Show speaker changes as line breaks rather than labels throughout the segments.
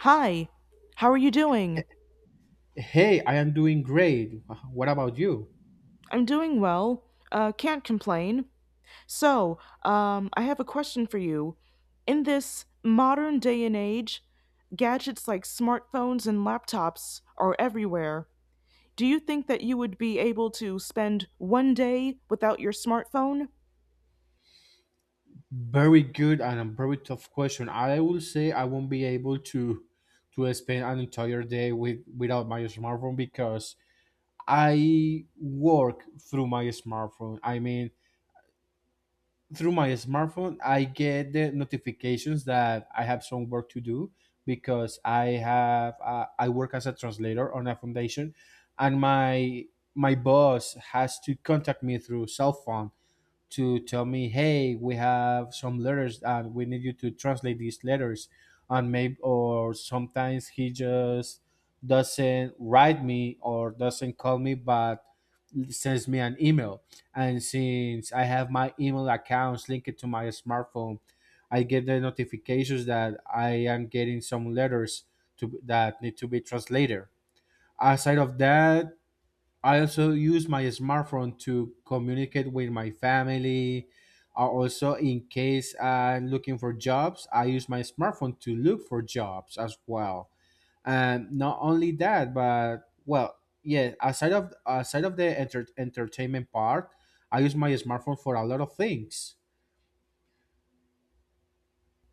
Hi, how are you doing?
Hey, I am doing great. What about you?
I'm doing well. Can't complain. So, I have a question for you. In this modern day and age, gadgets like smartphones and laptops are everywhere. Do you think that you would be able to spend 1 day without your smartphone?
Very good and a very tough question. I will say I won't be able to spend an entire day without my smartphone because I work through my smartphone. I mean, through my smartphone, I get the notifications that I have some work to do because I work as a translator on a foundation, and my boss has to contact me through cell phone to tell me, hey, we have some letters and we need you to translate these letters. And maybe, or sometimes he just doesn't write me or doesn't call me, but sends me an email. And since I have my email accounts linked to my smartphone, I get the notifications that I am getting some letters to that need to be translated. Aside of that, I also use my smartphone to communicate with my family. Also, in case I'm looking for jobs, I use my smartphone to look for jobs as well. And not only that, but well, yeah, aside of the entertainment part, I use my smartphone for a lot of things.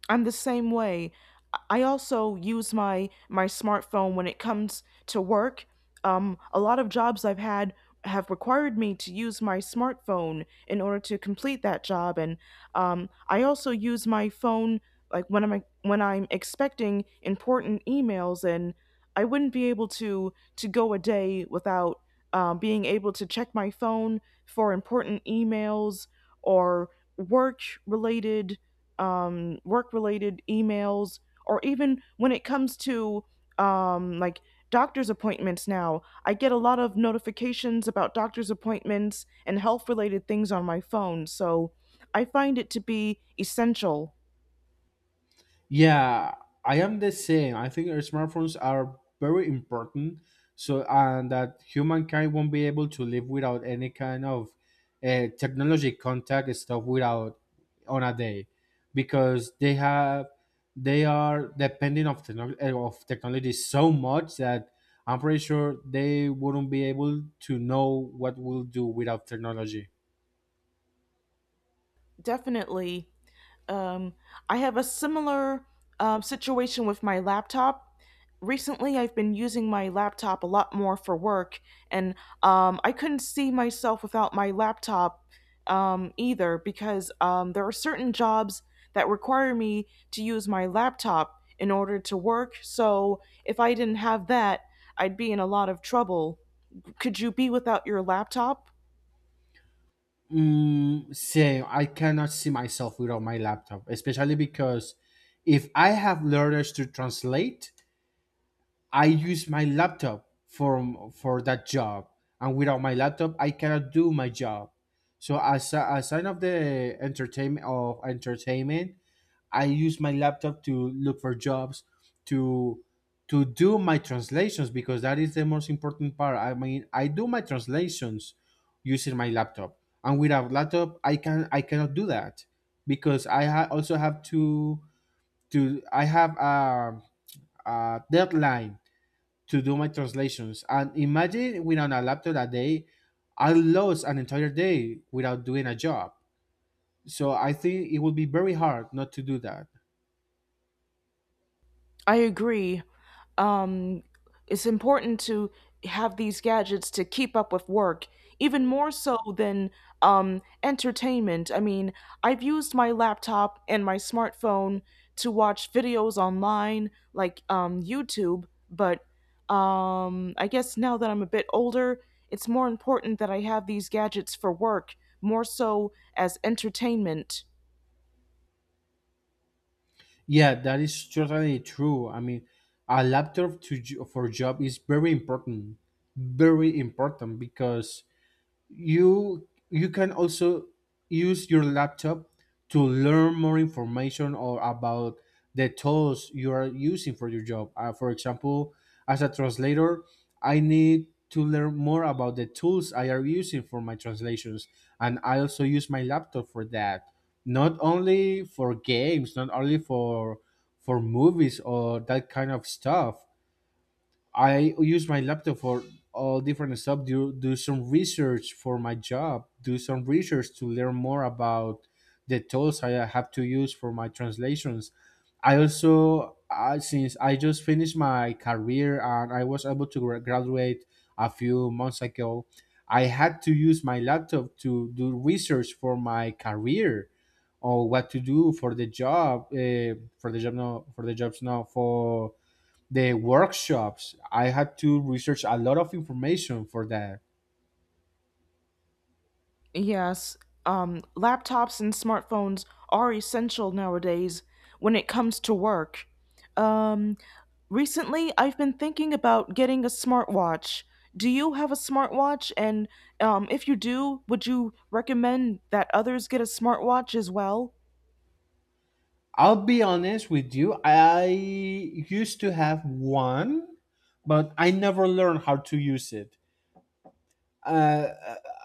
I'm the same way. I also use my smartphone when it comes to work. A lot of jobs I've had have required me to use my smartphone in order to complete that job, and I also use my phone like when I'm expecting important emails, and I wouldn't be able to go a day without being able to check my phone for important emails or work related emails, or even when it comes to um, like doctor's appointments now. I get a lot of notifications about doctor's appointments and health related things on my phone. So I find it to be essential
Yeah, I am the same. I think our smartphones are very important. So, and that humankind won't be able to live without any kind of technology contact stuff without on a day, because they are depending of of technology so much that I'm pretty sure they wouldn't be able to know what we'll do without technology.
definitely. Um, I have a similar situation with my laptop. Recently, I've been using my laptop a lot more for work, and I couldn't see myself without my laptop either because there are certain jobs that require me to use my laptop in order to work. So, if I didn't have that, I'd be in a lot of trouble. Could you be without your laptop?
Mm, same. I cannot see myself without my laptop, especially because if I have learners to translate, I use my laptop for that job, and without my laptop, I cannot do my job. So as a sign of the entertainment of entertainment, I use my laptop to look for jobs, to to do my translations because that is the most important part. I mean, I do my translations using my laptop, and without laptop, I cannot do that because also have to I have a deadline to do my translations. And imagine without a laptop that day, I lost an entire day without doing a job. So I think it would be very hard not to do that.
I agree. Um, it's important to have these gadgets to keep up with work, even more so than entertainment. I mean, I've used my laptop and my smartphone to watch videos online, like YouTube, but I guess now that I'm a bit older, it's more important that I have these gadgets for work, more so as entertainment.
Yeah, that is totally true. I mean, a laptop for job is very important because you can also use your laptop to learn more information or about the tools you are using for your job for example as a translator I need to learn more about the tools I are using for my translations, and I also use my laptop for that, not only for games, not only for movies or that kind of stuff. I use my laptop for all different stuff. Do some research for my job. Do some research to learn more about the tools I have to use for my translations. I also, since I just finished my career and I was able to graduate a few months ago, I had to use my laptop to do research for my career or what to do for the job, no, for the jobs now, for the workshops. I had to research a lot of information for that.
Yes, laptops and smartphones are essential nowadays when it comes to work. Um, Recently, I've been thinking about getting a smartwatch. Do you have a smartwatch? And if you do, would you recommend that others get a smartwatch as well?
I'll be honest with you, I used to have one, but I never learned how to use it. Uh,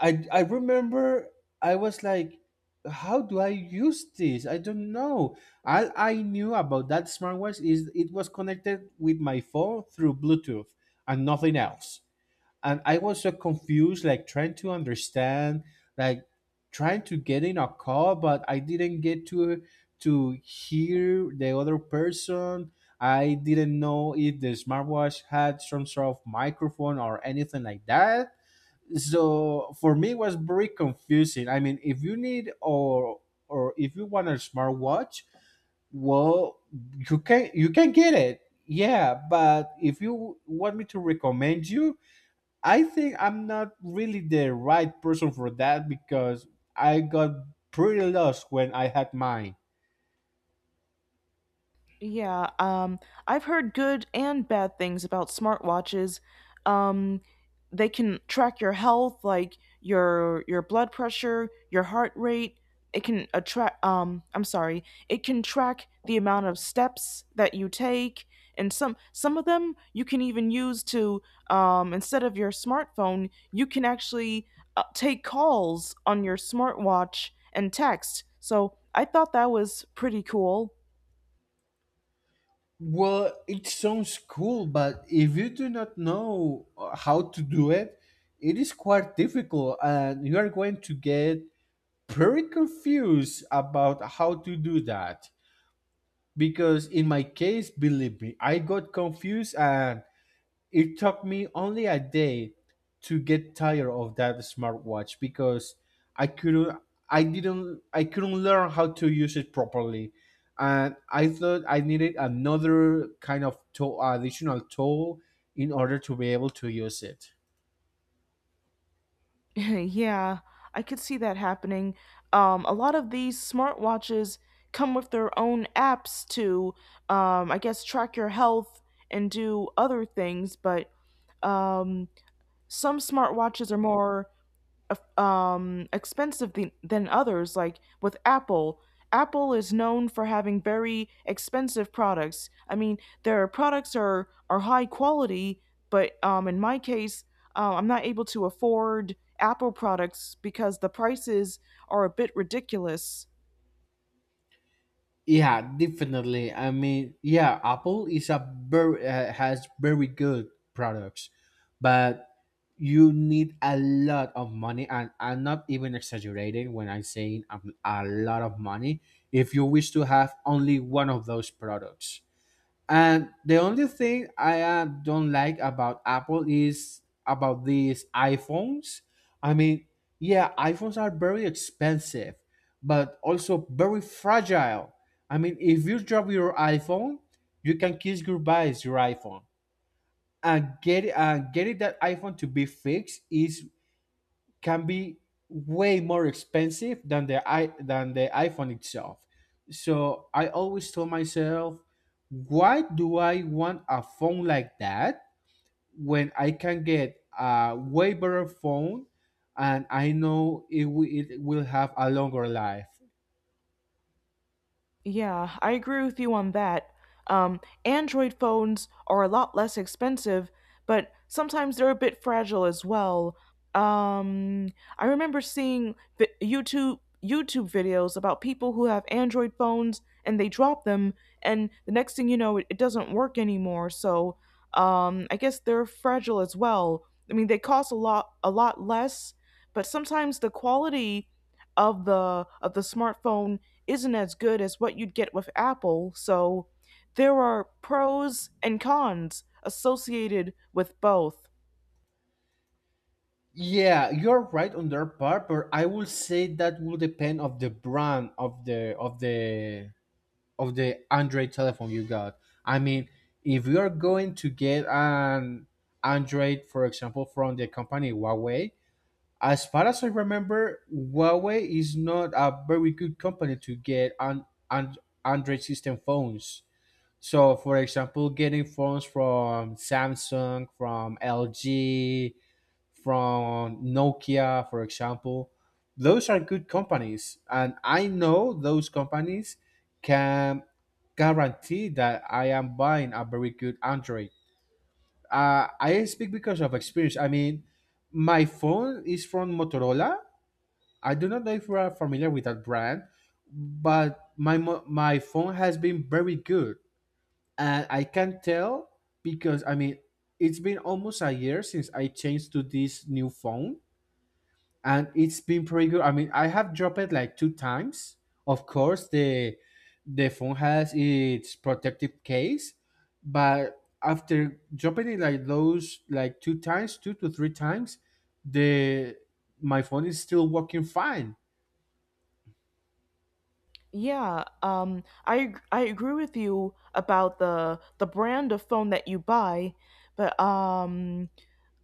I remember I was like, how do I use this? I don't know. All I knew about that smartwatch is it was connected with my phone through Bluetooth and nothing else. And I was so confused, like trying to understand, like trying to get in a call, but I didn't get to hear the other person. I didn't know if the smartwatch had some sort of microphone or anything like that. So for me, it was very confusing. I mean, if you need or if you want a smartwatch, well, you can get it. Yeah, but if you want me to recommend you, I think I'm not really the right person for that because I got pretty lost when I had mine.
Yeah, I've heard good and bad things about smartwatches. Um, they can track your health, like your blood pressure, your heart rate. It can attract. I'm sorry. It can track the amount of steps that you take, and some of them you can even use to, instead of your smartphone, you can actually take calls on your smartwatch and text. So I thought that was pretty cool.
Well, it sounds cool, but if you do not know how to do it, it is quite difficult, and you are going to get pretty confused about how to do that. Because in my case, believe me, I got confused and it took me only a day to get tired of that smartwatch because I couldn't I couldn't learn how to use it properly. And I thought I needed another kind of tool, additional tool in order to be able to use it.
Yeah, I could see that happening. A lot of these smartwatches come with their own apps to, I guess, track your health and do other things, but um, some smartwatches are more expensive than others. Like with Apple, Apple is known for having very expensive products. I mean, their products are high quality, but in my case, I'm not able to afford Apple products because the prices are a bit ridiculous.
Yeah, definitely. I mean, yeah, Apple is a very has very good products, but you need a lot of money, and I'm not even exaggerating when I'm saying a lot of money if you wish to have only one of those products. And the only thing I don't like about Apple is about these iPhones. I mean, yeah, iPhones are very expensive, but also very fragile. I mean, if you drop your iPhone, you can kiss goodbye your iPhone. And getting that iPhone to be fixed is can be way more expensive than the iPhone itself. So I always told myself, why do I want a phone like that when I can get a way better phone and I know it, it will have a longer life?
Yeah, I agree with you on that. Android phones are a lot less expensive, but sometimes they're a bit fragile as well. Um, I remember seeing YouTube videos about people who have Android phones and they drop them, and the next thing you know, it doesn't work anymore. So, I guess they're fragile as well. I mean, they cost a lot less, but sometimes the quality of the smartphone isn't as good as what you'd get with Apple, so there are pros and cons associated with both.
Yeah, you're right on that part, but I will say that will depend of the brand of the of the of the Android telephone you got. I mean, if you are going to get an Android, for example, from the company Huawei, as far as I remember, Huawei is not a very good company to get an Android system phones. So, for example, getting phones from Samsung, from LG, from Nokia, for example, those are good companies, and I know those companies can guarantee that I am buying a very good Android. I speak because of experience. I mean, my phone is from Motorola. I do not know if you are familiar with that brand, but my phone has been very good, and I can tell because I mean it's been almost a year since I changed to this new phone and it's been pretty good. I mean, I have dropped it like two times. Of course, the phone has its protective case, but after dropping it like two times, two to three times, the my phone is still working fine.
Yeah, I agree with you about the brand of phone that you buy, but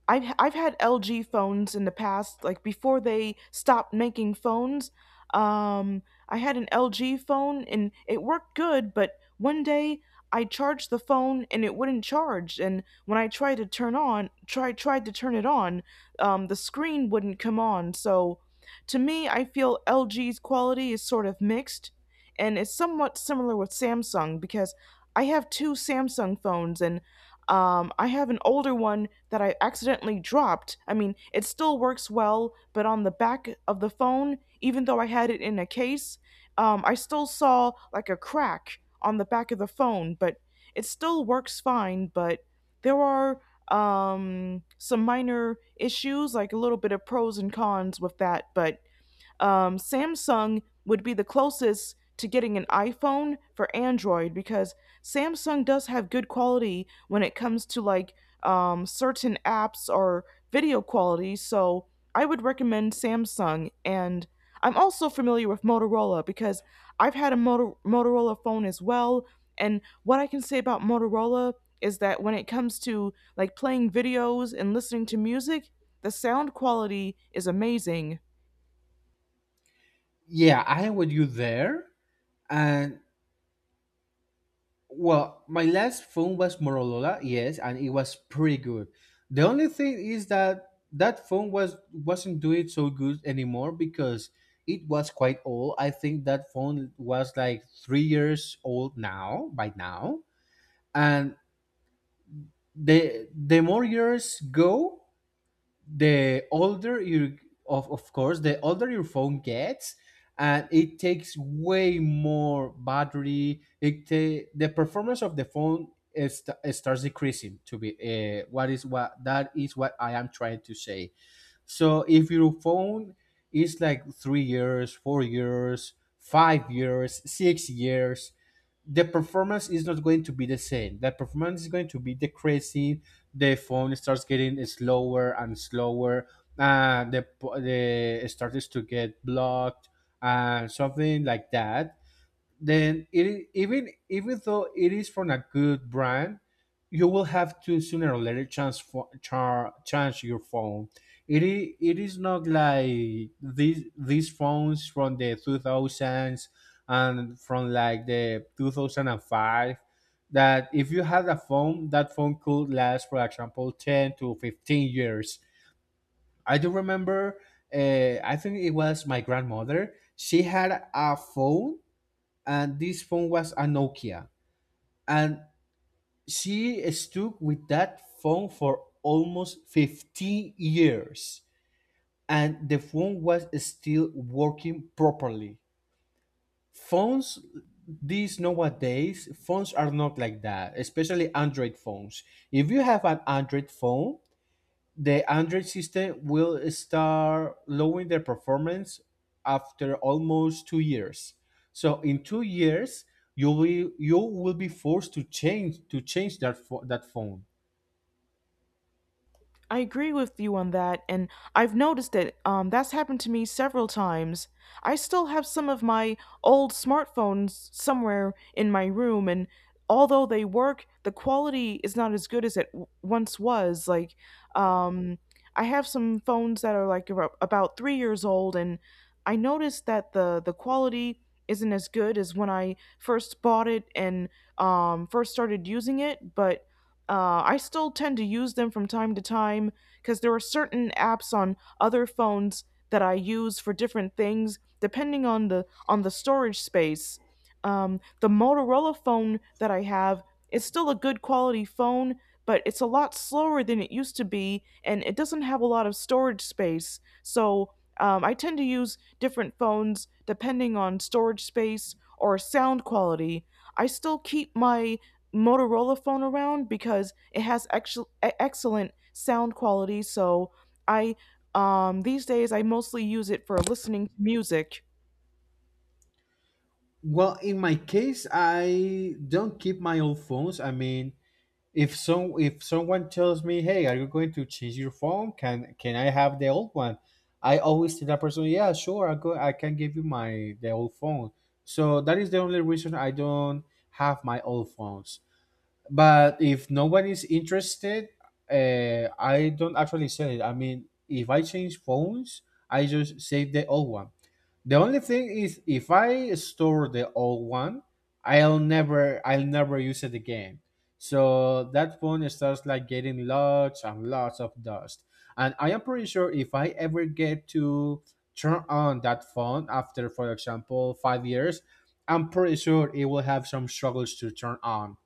I've had LG phones in the past, like before they stopped making phones. Um, I had an LG phone and it worked good, but one day I charged the phone and it wouldn't charge. And when I tried to turn on, try tried to turn it on, the screen wouldn't come on. So, to me, I feel LG's quality is sort of mixed, and it's somewhat similar with Samsung because I have two Samsung phones and I have an older one that I accidentally dropped. I mean, it still works well, but on the back of the phone, even though I had it in a case, I still saw like a crack on the back of the phone, but it still works fine. But there are some minor issues, like a little bit of pros and cons with that, but Samsung would be the closest to getting an iPhone for Android because Samsung does have good quality when it comes to like certain apps or video quality. So I would recommend Samsung. And I'm also familiar with Motorola because I've had a Motorola phone as well. And what I can say about Motorola is that when it comes to like playing videos and listening to music, the sound quality is amazing.
Yeah, I am with you there, and well, my last phone was Motorola, yes, and it was pretty good. The only thing is that that phone wasn't doing so good anymore because it was quite old. I think that phone was like 3 years old now by now, and the more years go, the older you of course the older your phone gets, and it takes way more battery, the performance of the phone is, it starts decreasing to be what is what that is what I am trying to say. So if your phone is like 3 years, 4 years, 5 years, 6 years, the performance is not going to be the same. The performance is going to be decreasing. The phone starts getting slower and slower. Uh, the the it starts to get blocked and something like that. Then it I- even even though it is from a good brand, you will have to sooner or later change your phone. It is not like these phones from the 2000s and from like the 2005, that if you had a phone, that phone could last for example 10 to 15 years. I do remember, I think it was my grandmother, she had a phone, and this phone was a Nokia. And she stuck with that phone for almost 15 years, and the phone was still working properly. Phones These nowadays phones are not like that, especially Android phones. If you have an Android phone, the Android system will start lowering their performance after almost 2 years. So in 2 years, you will be forced to change that that phone.
I agree with you on that, and I've noticed it. Um, that's happened to me several times. I still have some of my old smartphones somewhere in my room, and although they work, the quality is not as good as it once was. Like, um, I have some phones that are like about 3 years old, and I noticed that the quality isn't as good as when I first bought it and first started using it, but I still tend to use them from time to time because there are certain apps on other phones that I use for different things depending on the storage space. The Motorola phone that I have is still a good quality phone, but it's a lot slower than it used to be, and it doesn't have a lot of storage space. So I tend to use different phones depending on storage space or sound quality. I still keep my Motorola phone around because it has actual, excellent sound quality. So I these days I mostly use it for listening to music.
Well, in my case, I don't keep my old phones. I mean, if someone tells me, "Hey, are you going to change your phone? Can I have the old one?" I always tell that person, "Yeah, sure, I can give you my the old phone." So that is the only reason I don't have my old phones. But if no one is interested, I don't actually sell it. I mean, if I change phones, I just save the old one. The only thing is, if I store the old one, I'll never use it again. So that phone starts like getting lots and lots of dust. And I am pretty sure if I ever get to turn on that phone after, for example, 5 years, I'm pretty sure it will have some struggles to turn on.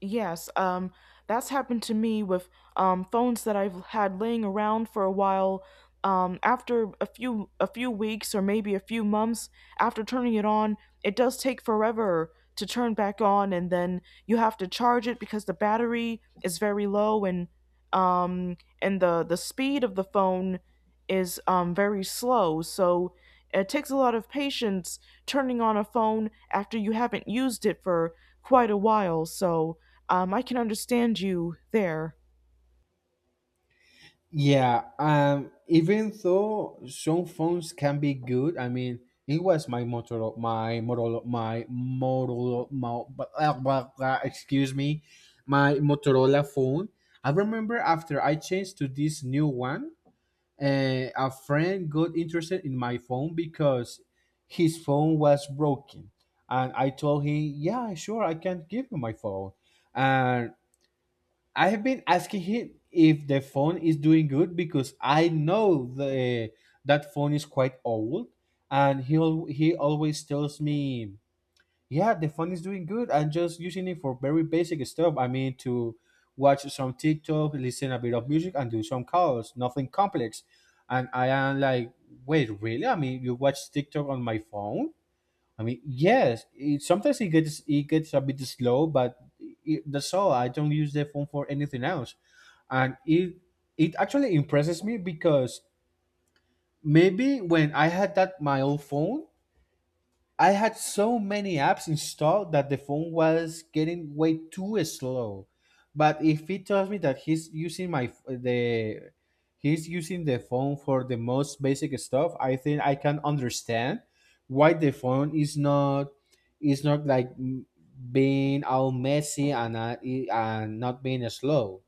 Yes, that's happened to me with phones that I've had laying around for a while. After a few weeks or maybe a few months after turning it on, it does take forever to turn back on, and then you have to charge it because the battery is very low um, and the speed of the phone is very slow. So it takes a lot of patience turning on a phone after you haven't used it for quite a while. So I can understand you there.
Yeah, even though some phones can be good, I mean, it was my Motorola, my Motorola, my Motorola, my, blah, blah, blah, excuse me, my Motorola phone. I remember after I changed to this new one, a friend got interested in my phone because his phone was broken, and I told him, "Yeah, sure, I can give you my phone." And I have been asking him if the phone is doing good because I know the that phone is quite old, and he always tells me, "Yeah, the phone is doing good. I'm just using it for very basic stuff. I mean, to watch some TikTok, listen a bit of music, and do some calls. Nothing complex." And I am like, "Wait, really? I mean, you watch TikTok on my phone? I mean, yes, sometimes it gets a bit slow, but that's all. I don't use the phone for anything else," and it actually impresses me because maybe when I had that my old phone, I had so many apps installed that the phone was getting way too slow. But if he tells me that he's using the phone for the most basic stuff, I think I can understand why the phone is not, is not like m- being all messy and not being slow.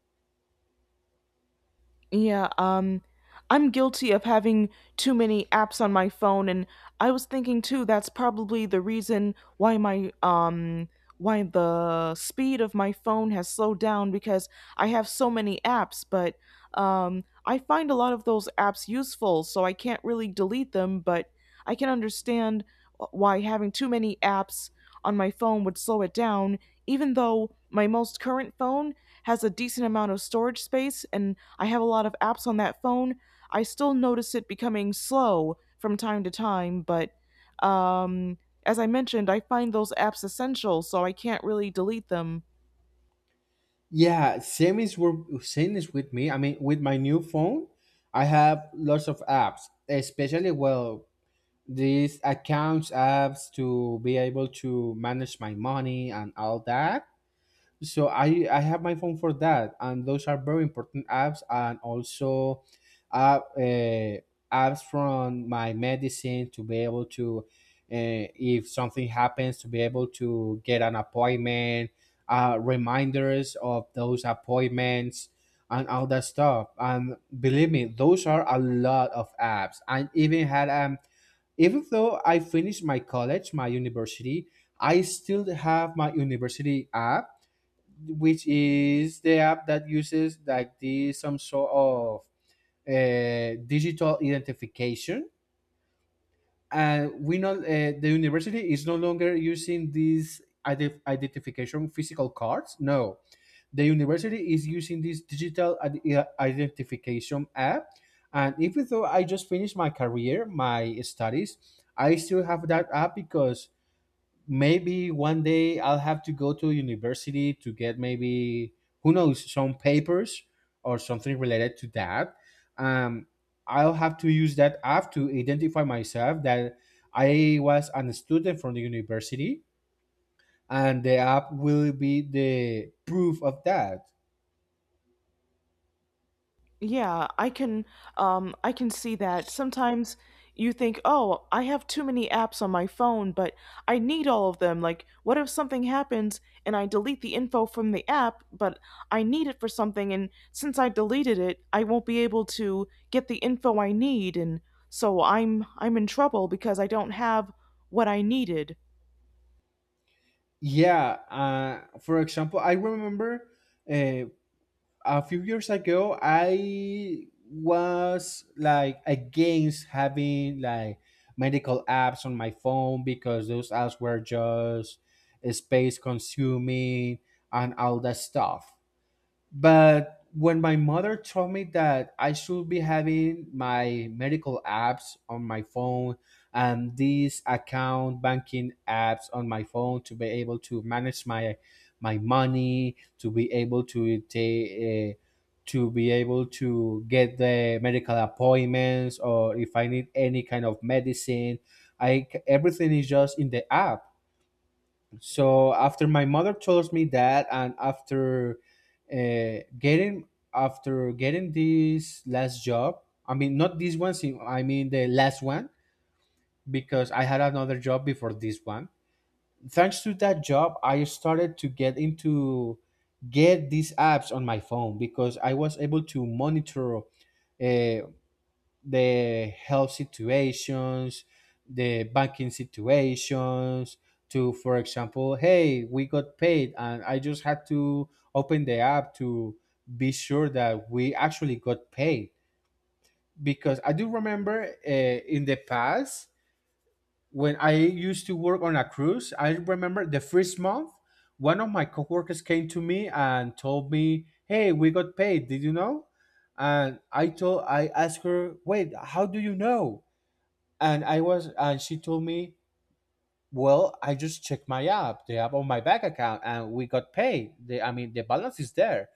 Yeah, I'm guilty of having too many apps on my phone, and I was thinking too that's probably the reason why my why the speed of my phone has slowed down because I have so many apps, but I find a lot of those apps useful, so I can't really delete them, but I can understand why having too many apps on my phone would slow it down. Even though my most current phone has a decent amount of storage space and I have a lot of apps on that phone, I still notice it becoming slow from time to time, but um, as I mentioned, I find those apps essential, so I can't really delete them.
Yeah, same is with me. I mean, with my new phone, I have lots of apps, especially, well, these accounts apps to be able to manage my money and all that. So I have my phone for that, and those are very important apps. And also, uh, uh, apps from my medicine to be able to, if something happens, to be able to get an appointment, reminders of those appointments and all that stuff. And believe me, those are a lot of apps. I even had, even though I finished my college, my university, I still have my university app, which is the app that uses like this some sort of digital identification. And we know, the university is no longer using these identification physical cards. No, the university is using this identification app. And even though I just finished my career, my studies, I still have that app because maybe one day I'll have to go to university to get, maybe, who knows, some papers or something related to that. Um, I'll have to use that app to identify myself, that I was a student from the university, and the app will be the proof of that.
Yeah, I can see that. Sometimes you think, "Oh, I have too many apps on my phone, but I need all of them. Like, what if something happens and I delete the info from the app, but I need it for something and since I deleted it, I won't be able to get the info I need and so I'm in trouble because I don't have what I needed."
Yeah, for example, I remember, uh, a few years ago, I was like against having like medical apps on my phone because those apps were just space consuming and all that stuff. But when my mother told me that I should be having my medical apps on my phone and these account banking apps on my phone to be able to manage my money, to be able to take, to be able to get the medical appointments, or if I need any kind of medicine, everything is just in the app. So after my mother told me that, and after getting after getting this last job, I mean not this one, see, I mean the last one, because I had another job before this one. Thanks to that job, I started to get these apps on my phone, because I was able to monitor, uh, the health situations, the banking situations, to, for example, hey, we got paid, and I just had to open the app to be sure that we actually got paid. Because I do remember, in the past, when I used to work on a cruise, I remember the first month, one of my coworkers came to me and told me, "Hey, we got paid. Did you know?" And I asked her, "Wait, how do you know?" And I was and she told me, "Well, I just checked my app, the app on my bank account, and we got paid. The I mean, the balance is there."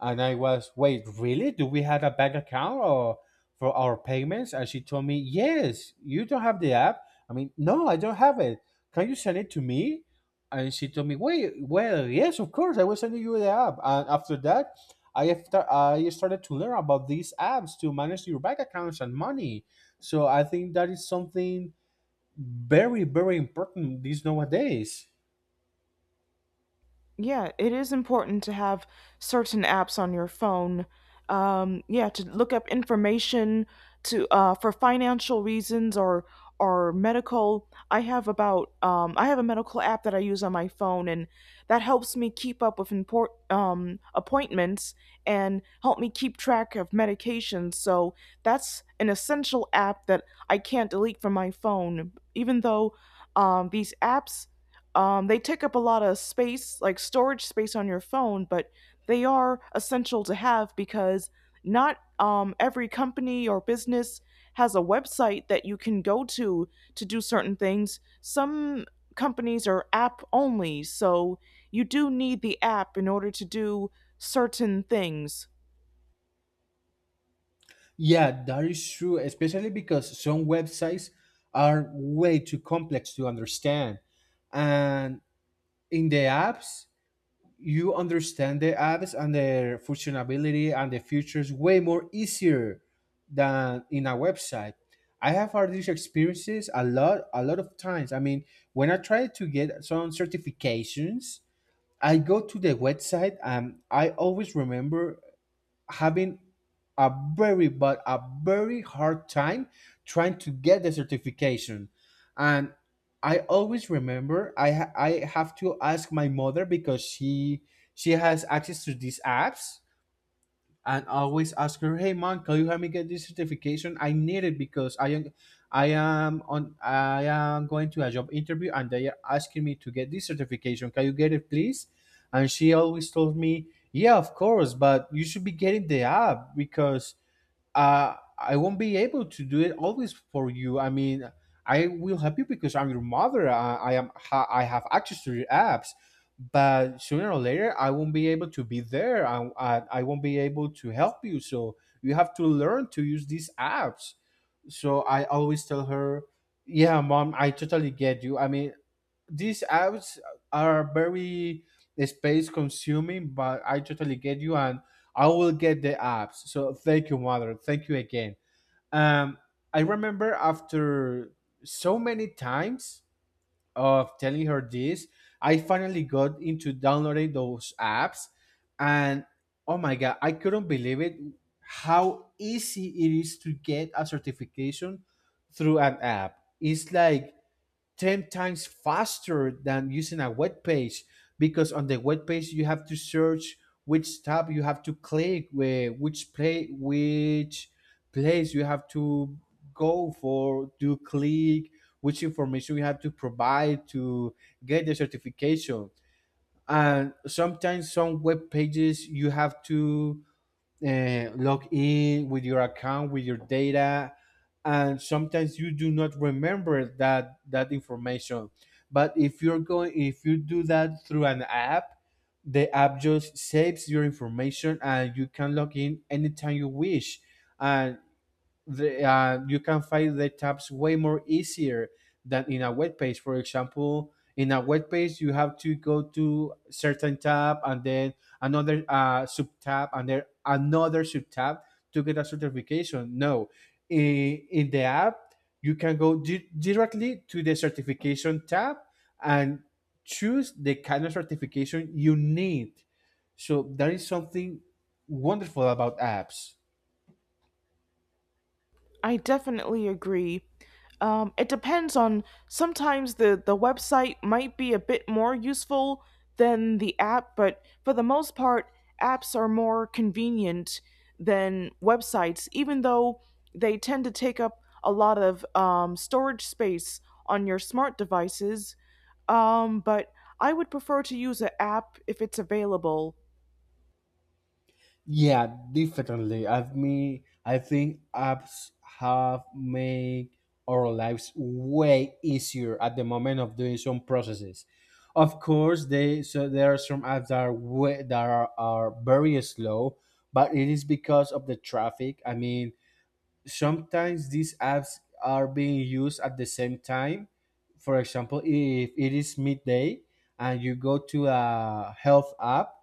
And I was, "Wait, really? Do we have a bank account or for our payments?" And she told me, "Yes, you don't have the app." I mean, "No, I don't have it. Can you send it to me?" And she told me, "Wait, well, yes, of course, I will send you the app." And after that, I started to learn about these apps to manage your bank accounts and money. So I think that is something very, very important these nowadays.
Yeah, it is important to have certain apps on your phone. Yeah, to look up information to, for financial reasons or medical. I have about I have a medical app that I use on my phone, and that helps me keep up with import appointments and help me keep track of medications. So that's an essential app that I can't delete from my phone, even though these apps they take up a lot of space, like storage space on your phone, but they are essential to have because not every company or business has a website that you can go to do certain things. Some companies are app only, so you do need the app in order to do certain things.
Yeah, that is true, especially because some websites are way too complex to understand, and in the apps, you understand the apps and their functionality and the features way more easier than in a website. I have had these experiences a lot, a lot of times. I mean, when I try to get some certifications, I go to the website, and I always remember having a very but a very hard time trying to get the certification. And I always remember, I have to ask my mother because she has access to these apps. And always ask her, "Hey, mom, can you help me get this certification? I need it because I am going to a job interview, and they are asking me to get this certification. Can you get it, please?" And she always told me, "Yeah, of course, but you should be getting the app because, I won't be able to do it always for you. I mean, I will help you because I'm your mother. I am. Ha, I have access to your apps, but sooner or later, I won't be able to be there. I won't be able to help you. So you have to learn to use these apps." So I always tell her, "Yeah, mom, I totally get you. I mean, these apps are very space consuming, but I totally get you, and I will get the apps. So thank you, mother. Thank you again." Um, I remember after so many times of telling her this, I finally got into downloading those apps, and oh my god, I couldn't believe it, how easy it is to get a certification through an app. It's like 10 times faster than using a web page, because on the web page you have to search which tab you have to click, where which play which place you have to go for to click, which information you have to provide to get the certification. And sometimes some web pages you have to, log in with your account, with your data, and sometimes you do not remember that information. But if you do that through an app, the app just saves your information, and you can log in anytime you wish. And you can find the tabs way more easier than in a web page. For example, in a web page, you have to go to certain tab and then another, sub tab, and then another sub tab to get a certification. No, in the app, you can go directly to the certification tab and choose the kind of certification you need. So that is something wonderful about apps.
I definitely agree. It depends on sometimes the website might be a bit more useful than the app, but for the most part, apps are more convenient than websites, even though they tend to take up a lot of storage space on your smart devices. But I would prefer to use an app if it's available.
Yeah, definitely. I think apps have made our lives way easier at the moment of doing some processes. Of course, they so there are some apps that are are very slow, but it is because of the traffic. I mean, sometimes these apps are being used at the same time. For example, if it is midday and you go to a health app,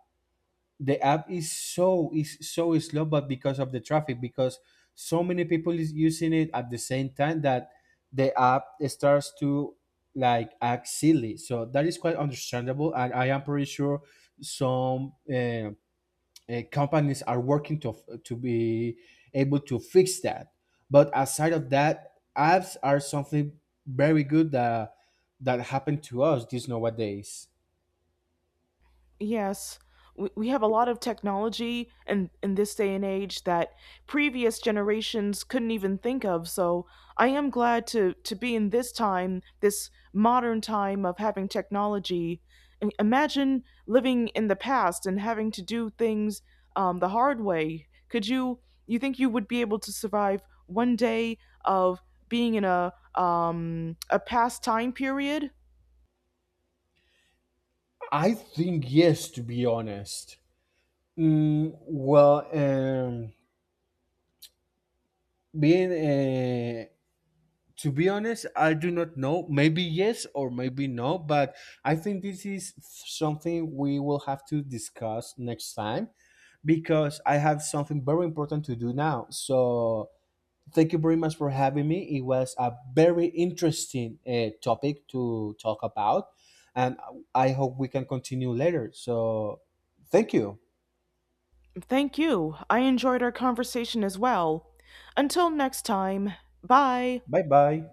the app is is so slow, but because of the traffic, because so many people is using it at the same time, that the app starts to like act silly. So that is quite understandable, and I am pretty sure some companies are working to be able to fix that. But aside of that, apps are something very good that that happened to us these nowadays.
Yes, we have a lot of technology in this day and age that previous generations couldn't even think of. So I am glad to be in this time, this modern time of having technology. I- Imagine living in the past and having to do things the hard way. Could you, you think you would be able to survive one day of being in a past time period?
I think yes, to be honest. Well, being to be honest, I do not know. Maybe yes or maybe no, but I think this is something we will have to discuss next time, because I have something very important to do now. So thank you very much for having me. It was a very interesting topic to talk about, and I hope we can continue later. So thank you.
Thank you. I enjoyed our conversation as well. Until next time, bye.
Bye bye.